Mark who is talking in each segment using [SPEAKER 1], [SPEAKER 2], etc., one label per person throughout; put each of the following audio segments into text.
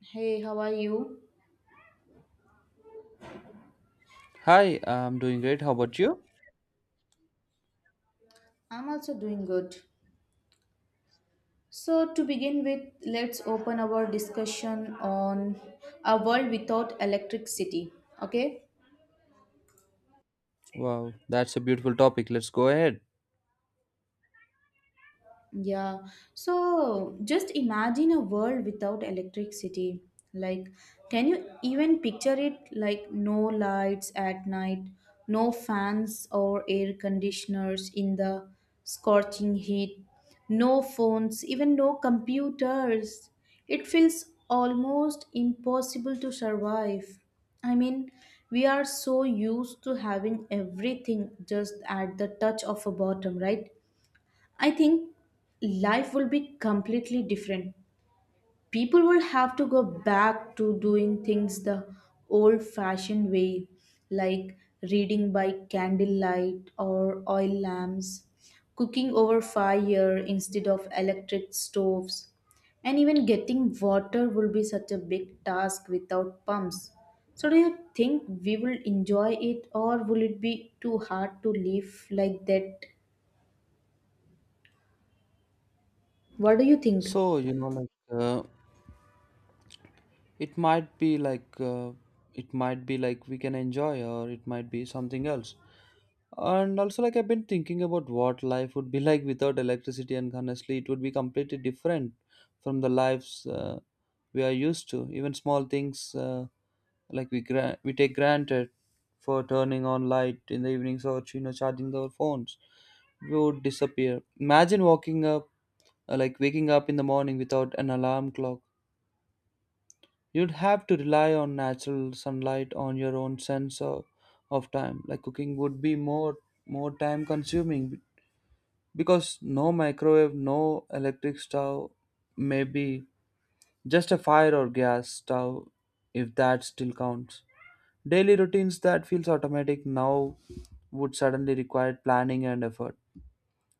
[SPEAKER 1] Hey, how are you?
[SPEAKER 2] Hi, I'm doing great. How about you?
[SPEAKER 1] I'm also doing good. So, to begin with, let's open our discussion on a world without electricity. Okay,
[SPEAKER 2] Wow, that's a beautiful topic. Let's go ahead.
[SPEAKER 1] yeah, so just imagine a world without electricity. Like, can you even picture it? Like, no lights at night, no fans or air conditioners in the scorching heat, no phones, even no computers. It feels almost impossible to survive. I mean, we are so used to having everything just at the touch of a bottom, right? I think life will be completely different. People will have to go back to doing things the old fashioned way, like reading by candlelight or oil lamps, cooking over fire instead of electric stoves, and even getting water will be such a big task without pumps. So, do you think we will enjoy it or will it be too hard to live like that? What do you think?
[SPEAKER 2] So, you know, it might be it might be like we can enjoy, or it might be something else. And also, like I've been thinking about what life would be like without electricity, and honestly, it would be completely different from the lives we are used to. Even small things. Like we take granted for turning on light in the evenings, or you know, charging our phones we would disappear. Imagine walking up like waking up in the morning without an alarm clock. You'd have to rely on natural sunlight, on your own sense of time. Like cooking would be more time consuming because no microwave, no electric stove, maybe just a fire or gas stove, if that still counts. Daily routines that feels automatic now would suddenly require planning and effort.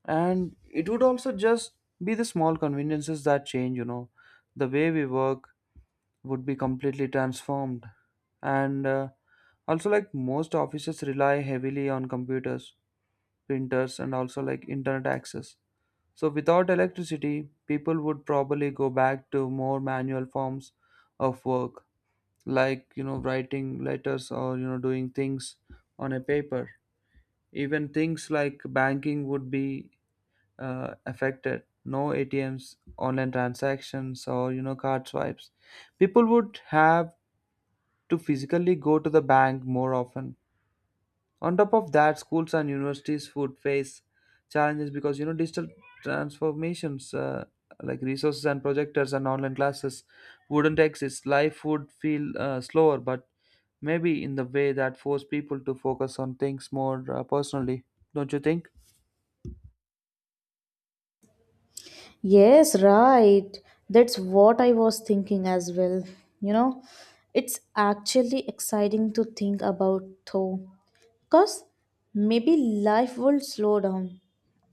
[SPEAKER 2] And it would also just be the small conveniences that change, you know. The way we work would be completely transformed. And also like most offices rely heavily on computers, printers, and also like internet access. So without electricity, people would probably go back to more manual forms of work, like you know, writing letters, or you know, doing things on a paper. Even things like banking would be affected. No ATMs, online transactions, or you know, card swipes. People would have to physically go to the bank more often. On top of that, schools and universities would face challenges because you know digital transformations, like resources and projectors and online classes, wouldn't exist. Life would feel slower, but maybe in the way that force people to focus on things more personally. Don't you think?
[SPEAKER 1] Yes, right. That's what I was thinking as well. You know, it's actually exciting to think about though. Because maybe life will slow down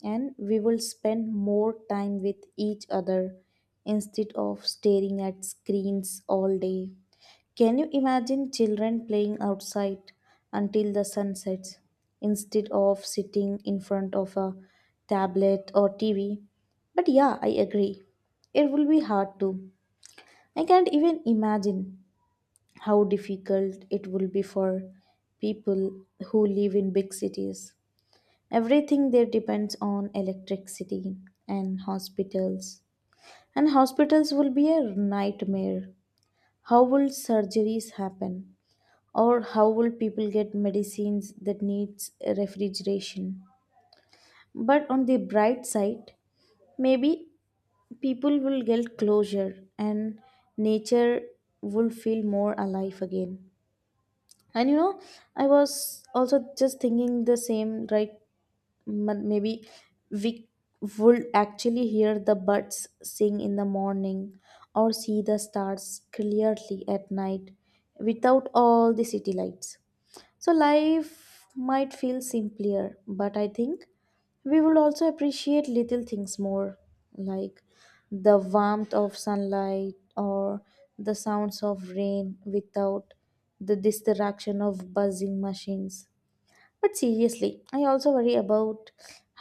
[SPEAKER 1] and we will spend more time with each other instead of staring at screens all day. Can you imagine children playing outside until the sun sets instead of sitting in front of a tablet or TV? But yeah, I agree. It will be hard too. I can't even imagine how difficult it will be for people who live in big cities. Everything there depends on electricity and hospitals. And hospitals will be a nightmare. How will surgeries happen, or how will people get medicines that needs refrigeration? But on the bright side, maybe people will get closure and nature will feel more alive again. And you know, I was also just thinking the same, right? Maybe we would actually hear the birds sing in the morning or see the stars clearly at night without all the city lights. So life might feel simpler, but I think we will also appreciate little things more, like the warmth of sunlight or the sounds of rain without the distraction of buzzing machines. But seriously, I also worry about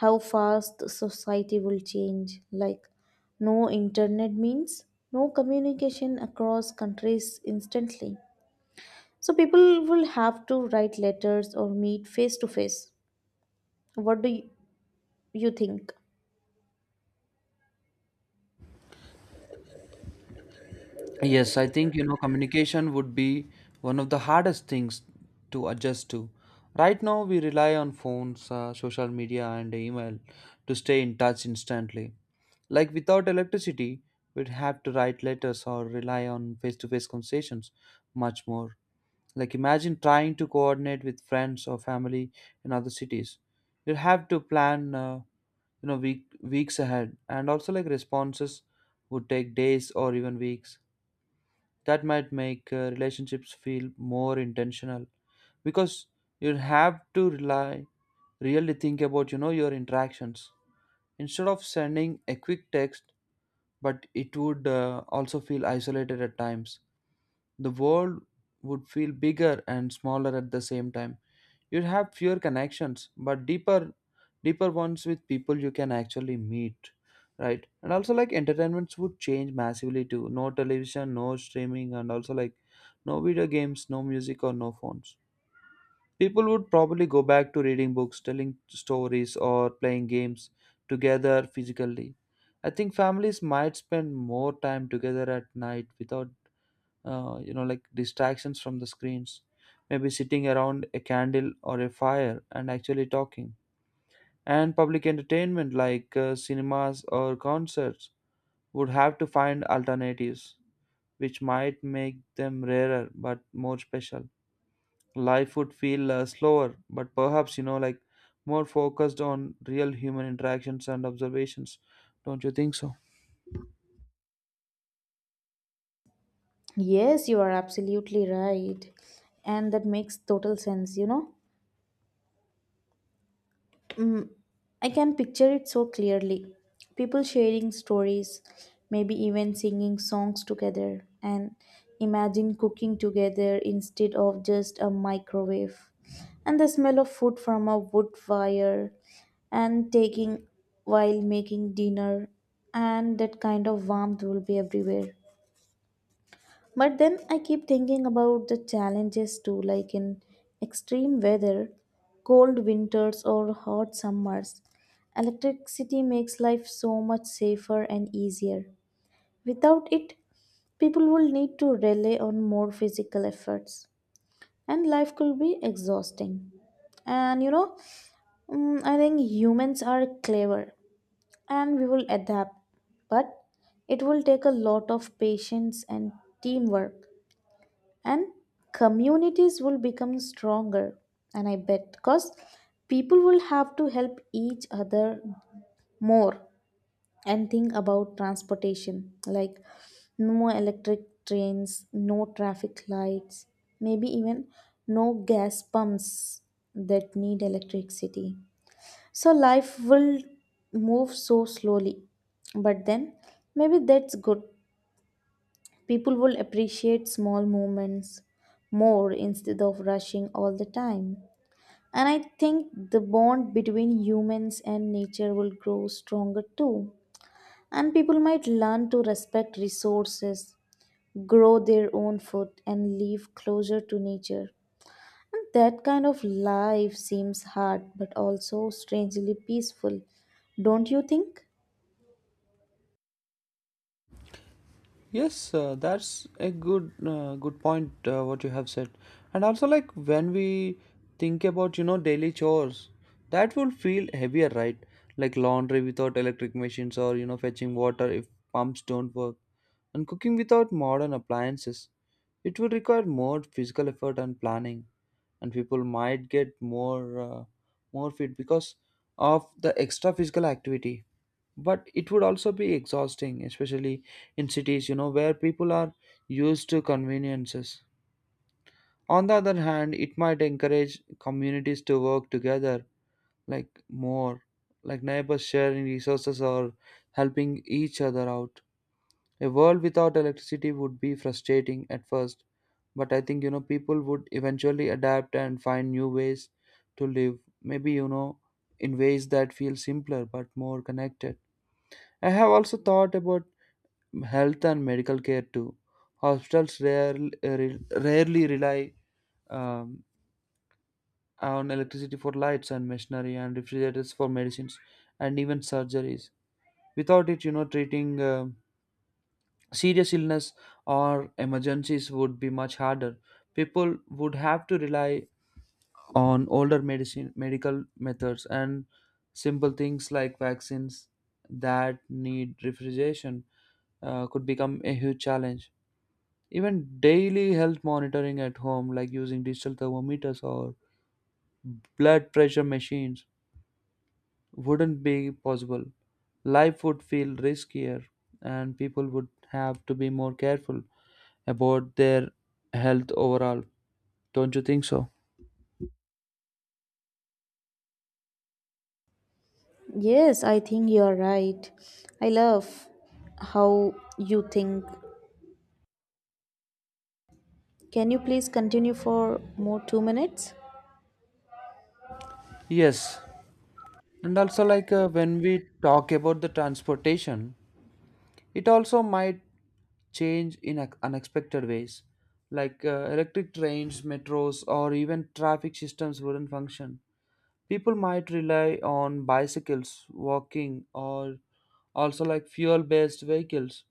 [SPEAKER 1] how fast society will change. Like, no internet means no communication across countries instantly, so people will have to write letters or meet face to face. What do you think?
[SPEAKER 2] Yes, I think you know communication would be one of the hardest things to adjust to. Right now, we rely on phones, social media, and email to stay in touch instantly. Like without electricity, we'd have to write letters or rely on face-to-face conversations much more. Like imagine trying to coordinate with friends or family in other cities. You'd have to plan, you know, weeks ahead, and also like responses would take days or even weeks. That might make relationships feel more intentional because you have to rely, really think about you know your interactions instead of sending a quick text. But it would also feel isolated at times. The world would feel bigger and smaller at the same time. You'd have fewer connections but deeper ones with people you can actually meet, right? And also like entertainments would change massively too. No television, no streaming, and also like no video games, no music, or no phones. People would probably go back to reading books, telling stories, or playing games together physically. I think families might spend more time together at night without you know like distractions from the screens, maybe sitting around a candle or a fire and actually talking. And public entertainment like cinemas or concerts would have to find alternatives, which might make them rarer but more special. Life would feel slower but perhaps you know like more focused on real human interactions and observations. Don't you think so?
[SPEAKER 1] Yes, you are absolutely right. And that makes total sense, you know. Mm, I can picture it so clearly. People sharing stories, maybe even singing songs together, and imagine cooking together instead of just a microwave. And the smell of food from a wood fire, and taking while making dinner, and that kind of warmth will be everywhere. But then I keep thinking about the challenges too, like in extreme weather, cold winters, or hot summers. Electricity makes life so much safer and easier. Without it, people will need to rely on more physical efforts, and life could be exhausting. And you know, mm, I think humans are clever and we will adapt, but it will take a lot of patience and teamwork, and communities will become stronger, and I bet, because people will have to help each other more. And think about transportation, like no electric trains, no traffic lights, maybe even no gas pumps that need electricity. So life will move so slowly, but then maybe that's good. People will appreciate small moments more instead of rushing all the time. And I think the bond between humans and nature will grow stronger too. And people might learn to respect resources, grow their own food, and live closer to nature. And that kind of life seems hard but also strangely peaceful, don't you think?
[SPEAKER 2] Yes, that's a good point what you have said. And also like when we think about you know daily chores, that will feel heavier, right? Like laundry without electric machines, or you know, fetching water if pumps don't work, and cooking without modern appliances. It will require more physical effort and planning, and people might get more fit because of the extra physical activity. But it would also be exhausting, especially in cities you know where people are used to conveniences. On the other hand, it might encourage communities to work together, like more like neighbors sharing resources or helping each other out. A world without electricity would be frustrating at first, but I think you know people would eventually adapt and find new ways to live, maybe you know in ways that feel simpler but more connected. I have also thought about health and medical care too. Hospitals rarely, rarely rely um, on electricity for lights and machinery and refrigerators for medicines and even surgeries. Without it, you know, treating serious illness or emergencies would be much harder. People would have to rely on older medical methods, and simple things like vaccines that need refrigeration could become a huge challenge. Even daily health monitoring at home, like using digital thermometers or blood pressure machines, wouldn't be possible. Life would feel riskier, and people would have to be more careful about their health overall. Don't you think so?
[SPEAKER 1] Yes, I think you're right. I love how you think. Can you please continue for more 2 minutes?
[SPEAKER 2] Yes. And also, like when we talk about the transportation, it also might change in unexpected ways. Like electric trains, metros, or even traffic systems wouldn't function. People might rely on bicycles, walking, or also like fuel based vehicles,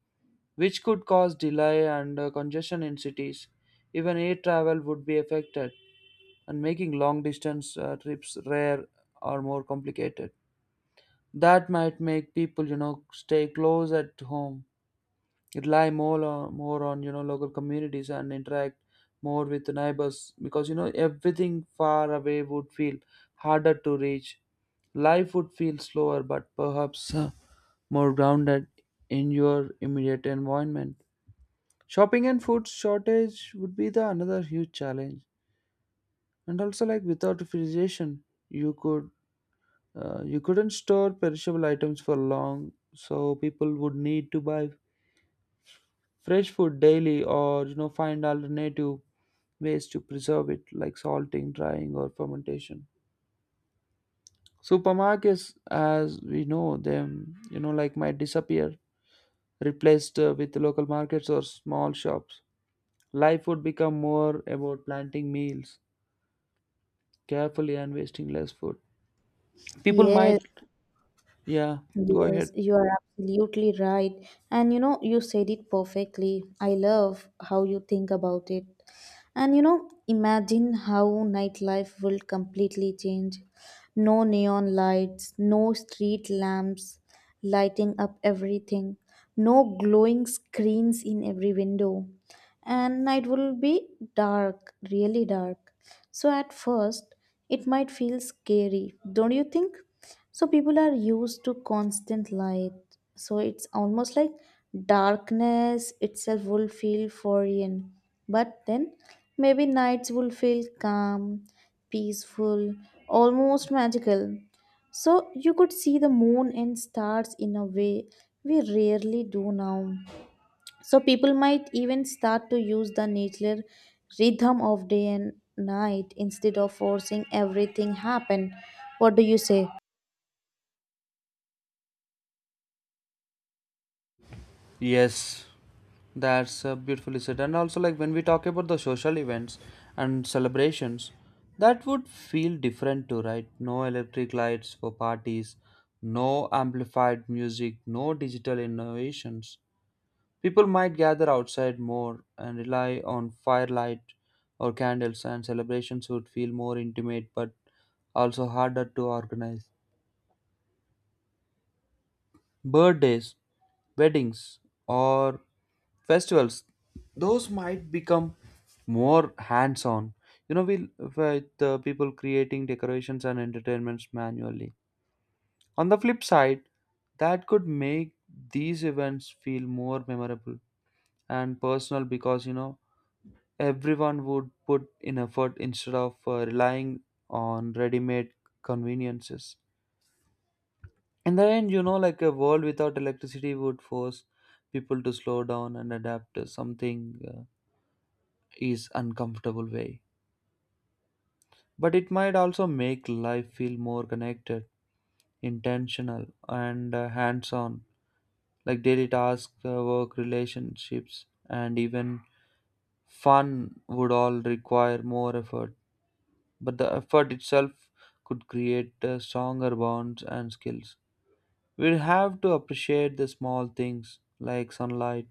[SPEAKER 2] which could cause delay and congestion in cities. Even air travel would be affected, and making long distance trips rare or more complicated. That might make people, you know, stay close at home, rely more on you know local communities, and interact more with the neighbors, because you know everything far away would feel harder to reach. Life would feel slower, but perhaps more grounded in your immediate environment. Shopping and food shortage would be the another huge challenge. And also like without refrigeration, you could you couldn't store perishable items for long, so people would need to buy fresh food daily, or you know find alternative ways to preserve it, like salting, drying, or fermentation. Supermarkets, as we know them, you know, like might disappear, replaced with local markets or small shops. Life would become more about planting meals carefully and wasting less food. People
[SPEAKER 1] Yes.
[SPEAKER 2] might, yeah, go ahead.
[SPEAKER 1] Yes, you are absolutely right. And you know, you said it perfectly. I love how you think about it. And you know, imagine how nightlife will completely change. No neon lights, no street lamps lighting up everything, no glowing screens in every window. And night will be dark, really dark. So at first, it might feel scary, don't you think? So people are used to constant light. So it's almost like darkness itself will feel foreign. But then maybe nights will feel calm, peaceful, almost magical. So you could see the moon and stars in a way we rarely do now. So people might even start to use the natural rhythm of day and night instead of forcing everything happen. What do you say?
[SPEAKER 2] Yes, that's beautifully said. And also, like when we talk about the social events and celebrations, that would feel different too, right? No electric lights for parties, no amplified music, no digital innovations. People might gather outside more and rely on firelight or candles, and celebrations would feel more intimate but also harder to organize. Birthdays, weddings, or festivals, those might become more hands on, you know, we with people creating decorations and entertainments manually. On the flip side, that could make these events feel more memorable and personal, because you know everyone would put in effort instead of relying on ready made conveniences. In the end, you know like a world without electricity would force people to slow down and adapt to something uh, is uncomfortable way. But it might also make life feel more connected, intentional, and hands on. Like daily tasks, work, relationships, and even fun would all require more effort, but the effort itself could create stronger bonds and skills. We have to appreciate the small things like sunlight,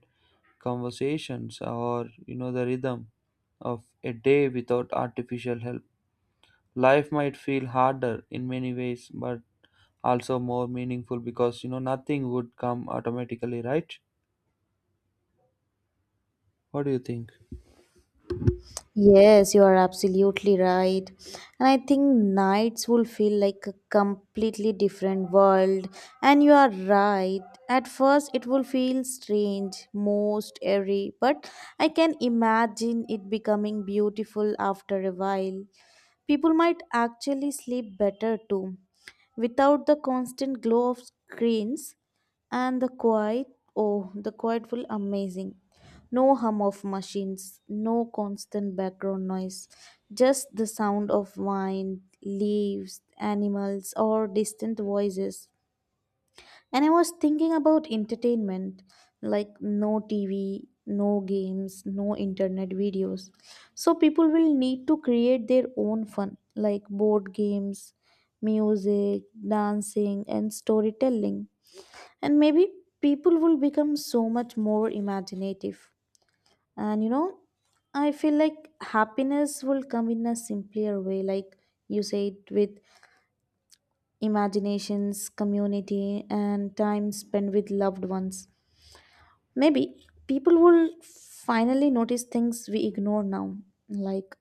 [SPEAKER 2] conversations, or you know the rhythm of a day without artificial help. Life might feel harder in many ways, but also more meaningful because you know nothing would come automatically, right? What do you think?
[SPEAKER 1] Yes, you are absolutely right. And I think nights will feel like a completely different world. And you are right. At first, it will feel strange, most eerie, but I can imagine it becoming beautiful after a while. People might actually sleep better too, without the constant glow of screens. And the quiet, oh the quiet will amazing. No hum of machines, no constant background noise, just the sound of wind, leaves, animals, or distant voices. And I was thinking about entertainment, like no TV, no games, no internet videos. So people will need to create their own fun, like board games, music, dancing, and storytelling. And maybe people will become so much more imaginative. And you know, I feel like happiness will come in a simpler way, like you said, with imaginations, community, and time spent with loved ones. Maybe people will finally notice things we ignore now, like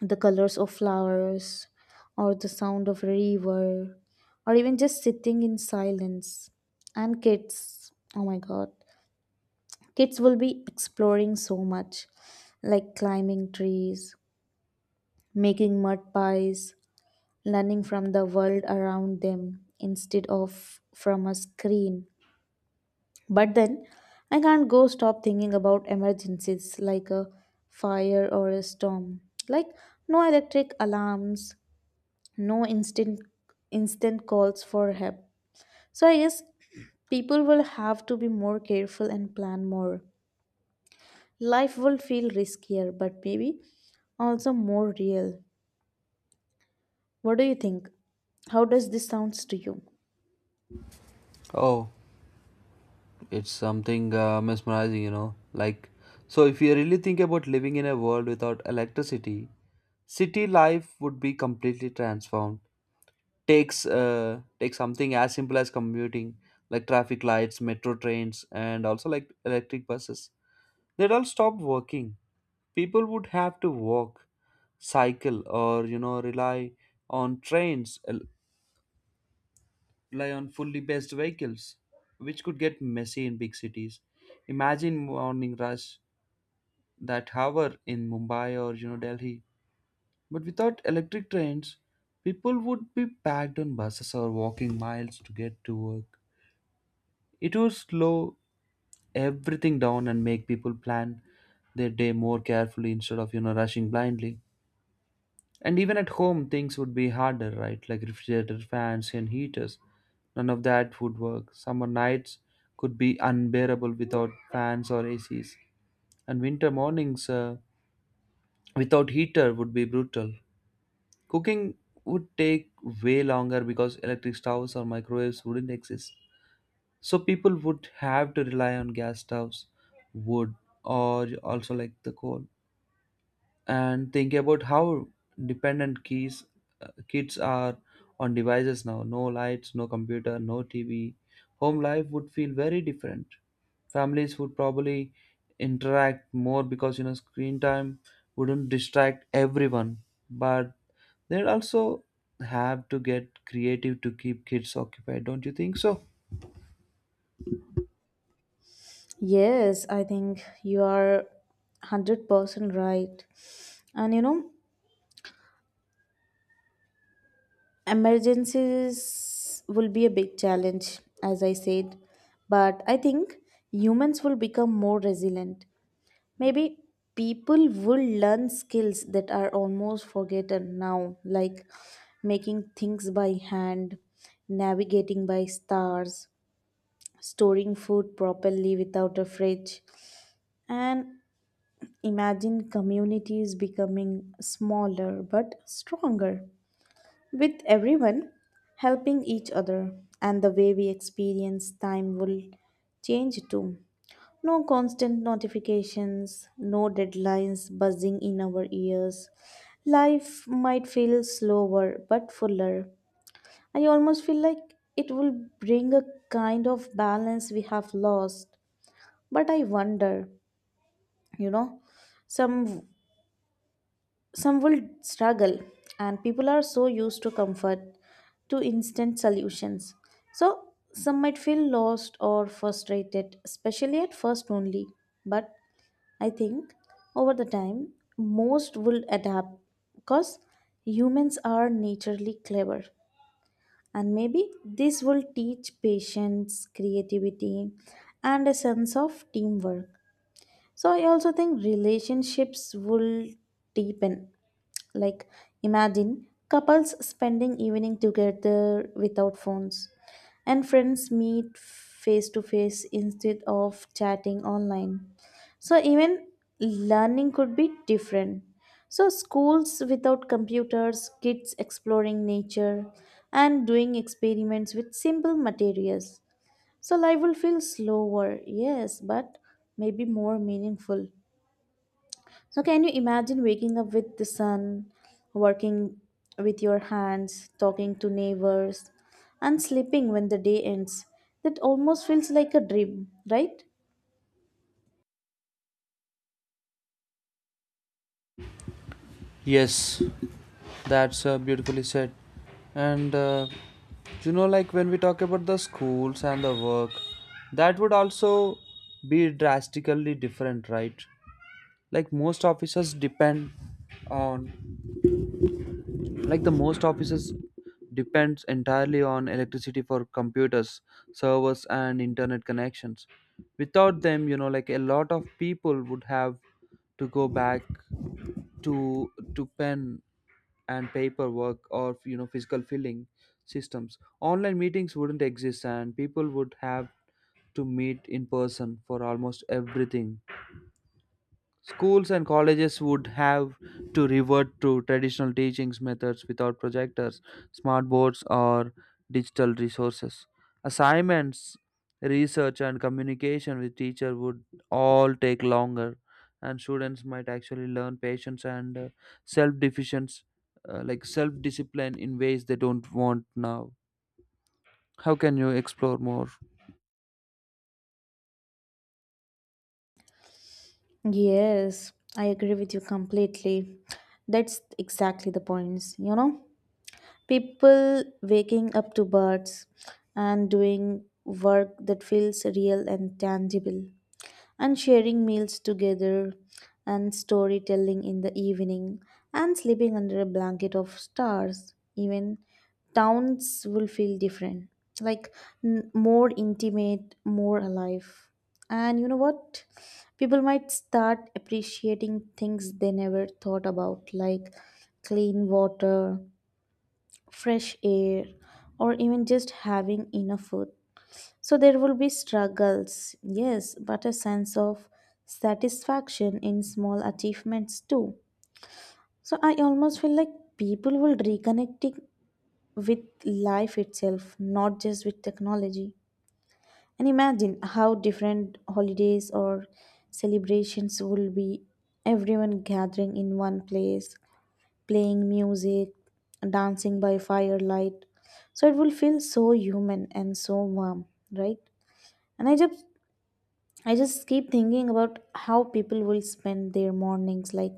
[SPEAKER 1] the colors of flowers, or the sound of river, or even just sitting in silence. And kids, oh my god, kids will be exploring so much, like climbing trees, making mud pies, learning from the world around them instead of from a screen. But then I can't go stop thinking about emergencies like a fire or a storm. Like no electric alarms, no instant calls for help. So I guess people will have to be more careful and plan more. Life will feel riskier, but maybe also more real. What do you think? How does this sounds to you?
[SPEAKER 2] Oh, it's something mesmerizing, you know. Like, so if you really think about living in a world without electricity, city life would be completely transformed. Take something as simple as commuting, like traffic lights, metro trains, and also like electric buses. They'd all stop working. People would have to walk, cycle, or you know rely on trains, rely on fully based vehicles, which could get messy in big cities. Imagine morning rush, that hour, in Mumbai or you know Delhi, but without electric trains, people would be packed on buses or walking miles to get to work. It would slow everything down and make people plan their day more carefully instead of you know rushing blindly. And even at home, things would be harder, right? Like refrigerator, fans, and heaters. None of that would work. Summer nights could be unbearable without fans or ACs. And winter mornings without heater would be brutal. Cooking would take way longer because electric stoves or microwaves wouldn't exist. So people would have to rely on gas stoves, wood, or also like the coal. And think about how dependent keys, kids are on devices now. No lights, no computer, no TV. Home life would feel very different. Families would probably interact more because you know screen time wouldn't distract everyone, but they'd also have to get creative to keep kids occupied. Don't you think so?
[SPEAKER 1] Yes, I think you are 100% right. And you know, emergencies will be a big challenge, as I said, but I think humans will become more resilient. Maybe people will learn skills that are almost forgotten now, like making things by hand, navigating by stars, storing food properly without a fridge. And imagine communities becoming smaller but stronger, with everyone helping each other. And the way we experience time will change too. No constant notifications, no deadlines buzzing in our ears. Life might feel slower but fuller. I almost feel like it will bring a kind of balance we have lost. But I wonder, you know, some some will struggle, and people are so used to comfort, to instant solutions. So, some might feel lost or frustrated, especially at first only. But I think over the time, most will adapt, because humans are naturally clever. And maybe this will teach patience, creativity, and a sense of teamwork. So, I also think relationships will deepen. Like, imagine couples spending evening together without phones, and friends meet face to face instead of chatting online. So, even learning could be different. So, schools without computers, kids exploring nature, and doing experiments with simple materials. So, life will feel slower, yes, but maybe more meaningful. So, can you imagine waking up with the sun, working with your hands, talking to neighbors, and sleeping when the day ends? That almost feels like a dream, right?
[SPEAKER 2] Yes, that's beautifully said. And you know, like when we talk about the schools and the work, that would also be drastically different, right? Like most officers depend on like the most offices depends entirely on electricity for computers, servers, and internet connections. Without them, you know like a lot of people would have to go back to pen and paperwork, or you know physical filling systems. Online meetings wouldn't exist, and people would have to meet in person for almost everything. Schools and colleges would have to revert to traditional teaching methods without projectors, smart boards, or digital resources. Assignments, research, and communication with teacher would all take longer, and students might actually learn patience and self-deficiency, like self-discipline, in ways they don't want now. How can you explore more?
[SPEAKER 1] Yes, I agree with you completely. That's exactly the points, you know? People waking up to birds and doing work that feels real and tangible, and sharing meals together, and storytelling in the evening, and sleeping under a blanket of stars. Even towns will feel different, like more intimate, more alive. And you know what, people might start appreciating things they never thought about, like clean water, fresh air, or even just having enough food. So there will be struggles, yes, but a sense of satisfaction in small achievements too. So I almost feel like people will reconnecting with life itself, not just with technology. And imagine how different holidays or celebrations will be. Everyone gathering in one place, playing music, dancing by firelight. So it will feel so human and so warm, right? And I just keep thinking about how people will spend their mornings, like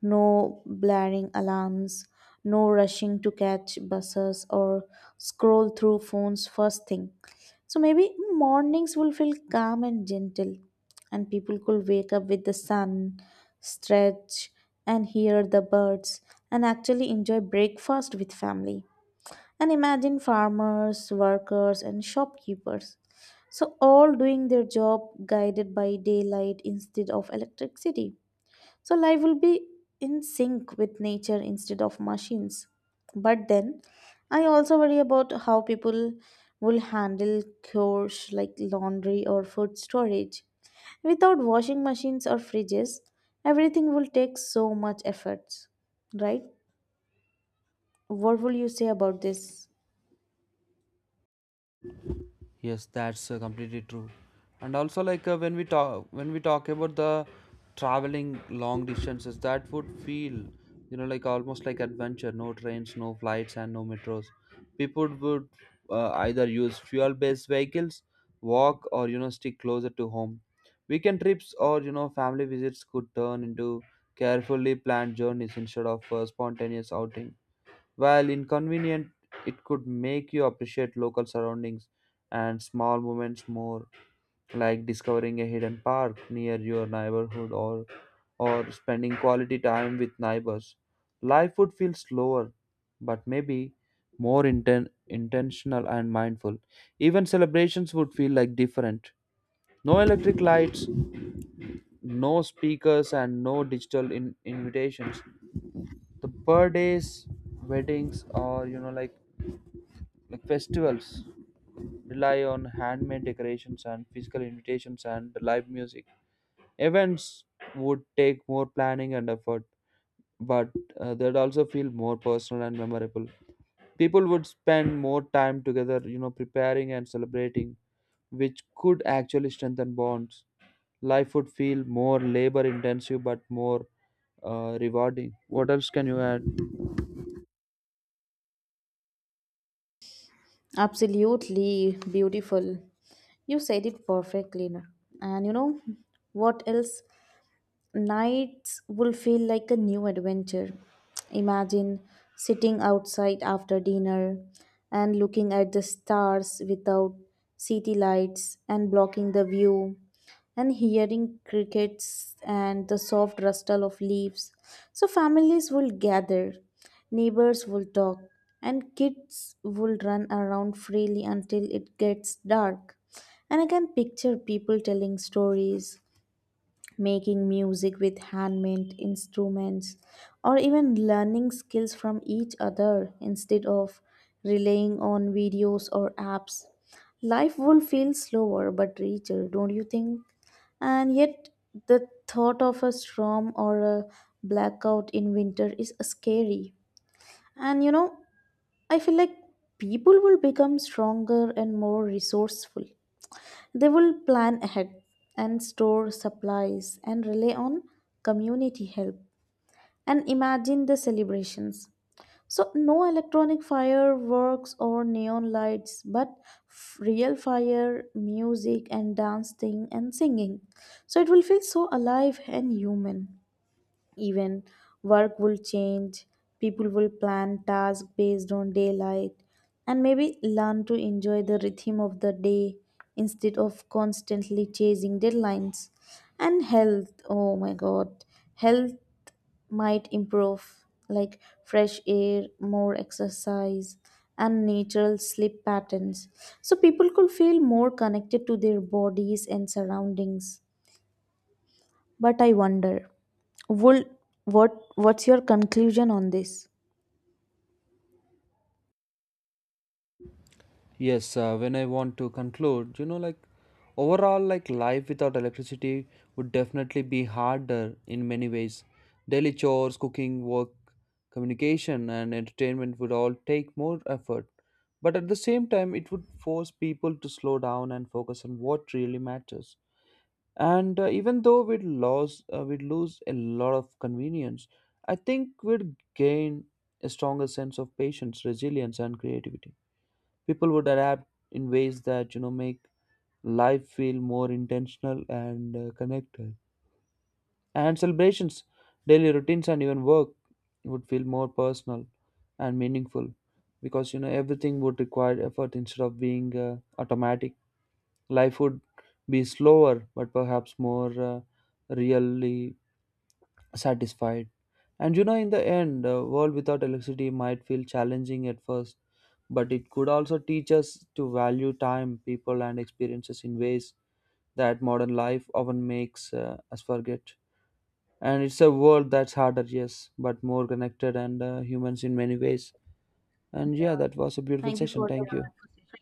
[SPEAKER 1] no blaring alarms, no rushing to catch buses or scroll through phones first thing. So maybe mornings will feel calm and gentle, and people could wake up with the sun, stretch, and hear the birds, and actually enjoy breakfast with family. And imagine farmers, workers, and shopkeepers. So, all doing their job guided by daylight instead of electricity. So, life will be in sync with nature instead of machines. But then, I also worry about how people will handle chores like laundry or food storage. Without washing machines or fridges, everything will take so much effort, right? What will you say about this?
[SPEAKER 2] Yes, that's completely true. And also, like when we talk about the traveling long distances, that would feel you know like almost like adventure. No trains, no flights, and no metros. People would either use fuel-based vehicles, walk, or you know stick closer to home. Weekend trips, or you know family visits, could turn into carefully planned journeys instead of spontaneous outing. While inconvenient, it could make you appreciate local surroundings and small moments more, like discovering a hidden park near your neighborhood, or spending quality time with neighbors. Life would feel slower, but maybe more intentional and mindful. Even celebrations would feel like different. No electric lights, no speakers, and no digital invitations. The birthdays, weddings, or you know, like festivals, rely on handmade decorations and physical invitations and live music. Events would take more planning and effort, but they'd also feel more personal and memorable. People would spend more time together you know preparing and celebrating, which could actually strengthen bonds. Life would feel more labor intensive but more rewarding. What else can you add?
[SPEAKER 1] Absolutely beautiful. You said it perfectly. And you know what else? Nights will feel like a new adventure. Imagine sitting outside after dinner and looking at the stars without city lights and blocking the view, and hearing crickets and the soft rustle of leaves. So families will gather, neighbors will talk, and kids will run around freely until it gets dark. And I can picture people telling stories, making music with handmade instruments, or even learning skills from each other instead of relying on videos or apps. Life will feel slower but richer, don't you think? And yet, the thought of a storm or a blackout in winter is scary. And you know, I feel like people will become stronger and more resourceful. They will plan ahead and store supplies and rely on community help. And imagine the celebrations. So, no electronic fireworks or neon lights, but real fire, music, and dancing and singing. So, it will feel so alive and human. Even work will change. People will plan tasks based on daylight and maybe learn to enjoy the rhythm of the day instead of constantly chasing deadlines. And health, oh my god, health might improve, like fresh air, more exercise, and natural sleep patterns. So people could feel more connected to their bodies and surroundings. But I wonder, would, what's your conclusion on this?
[SPEAKER 2] Yes, when I want to conclude, you know, like overall, like life without electricity would definitely be harder in many ways. Daily chores, cooking, work, communication, and entertainment would all take more effort. But at the same time, it would force people to slow down and focus on what really matters. And even though we'd lose a lot of convenience, I think we'd gain a stronger sense of patience, resilience, and creativity. People would adapt in ways that you know make life feel more intentional and connected. And celebrations, daily routines, and even work would feel more personal and meaningful, because you know everything would require effort instead of being automatic. Life would be slower but perhaps more really satisfied. And you know, in the end, a world without electricity might feel challenging at first, but it could also teach us to value time, people, and experiences in ways that modern life often makes us forget. And it's a world that's harder, yes, but more connected and humans in many ways. And yeah, that was a beautiful
[SPEAKER 1] Thank you
[SPEAKER 2] session.
[SPEAKER 1] for the
[SPEAKER 2] Thank you.
[SPEAKER 1] wonderful session.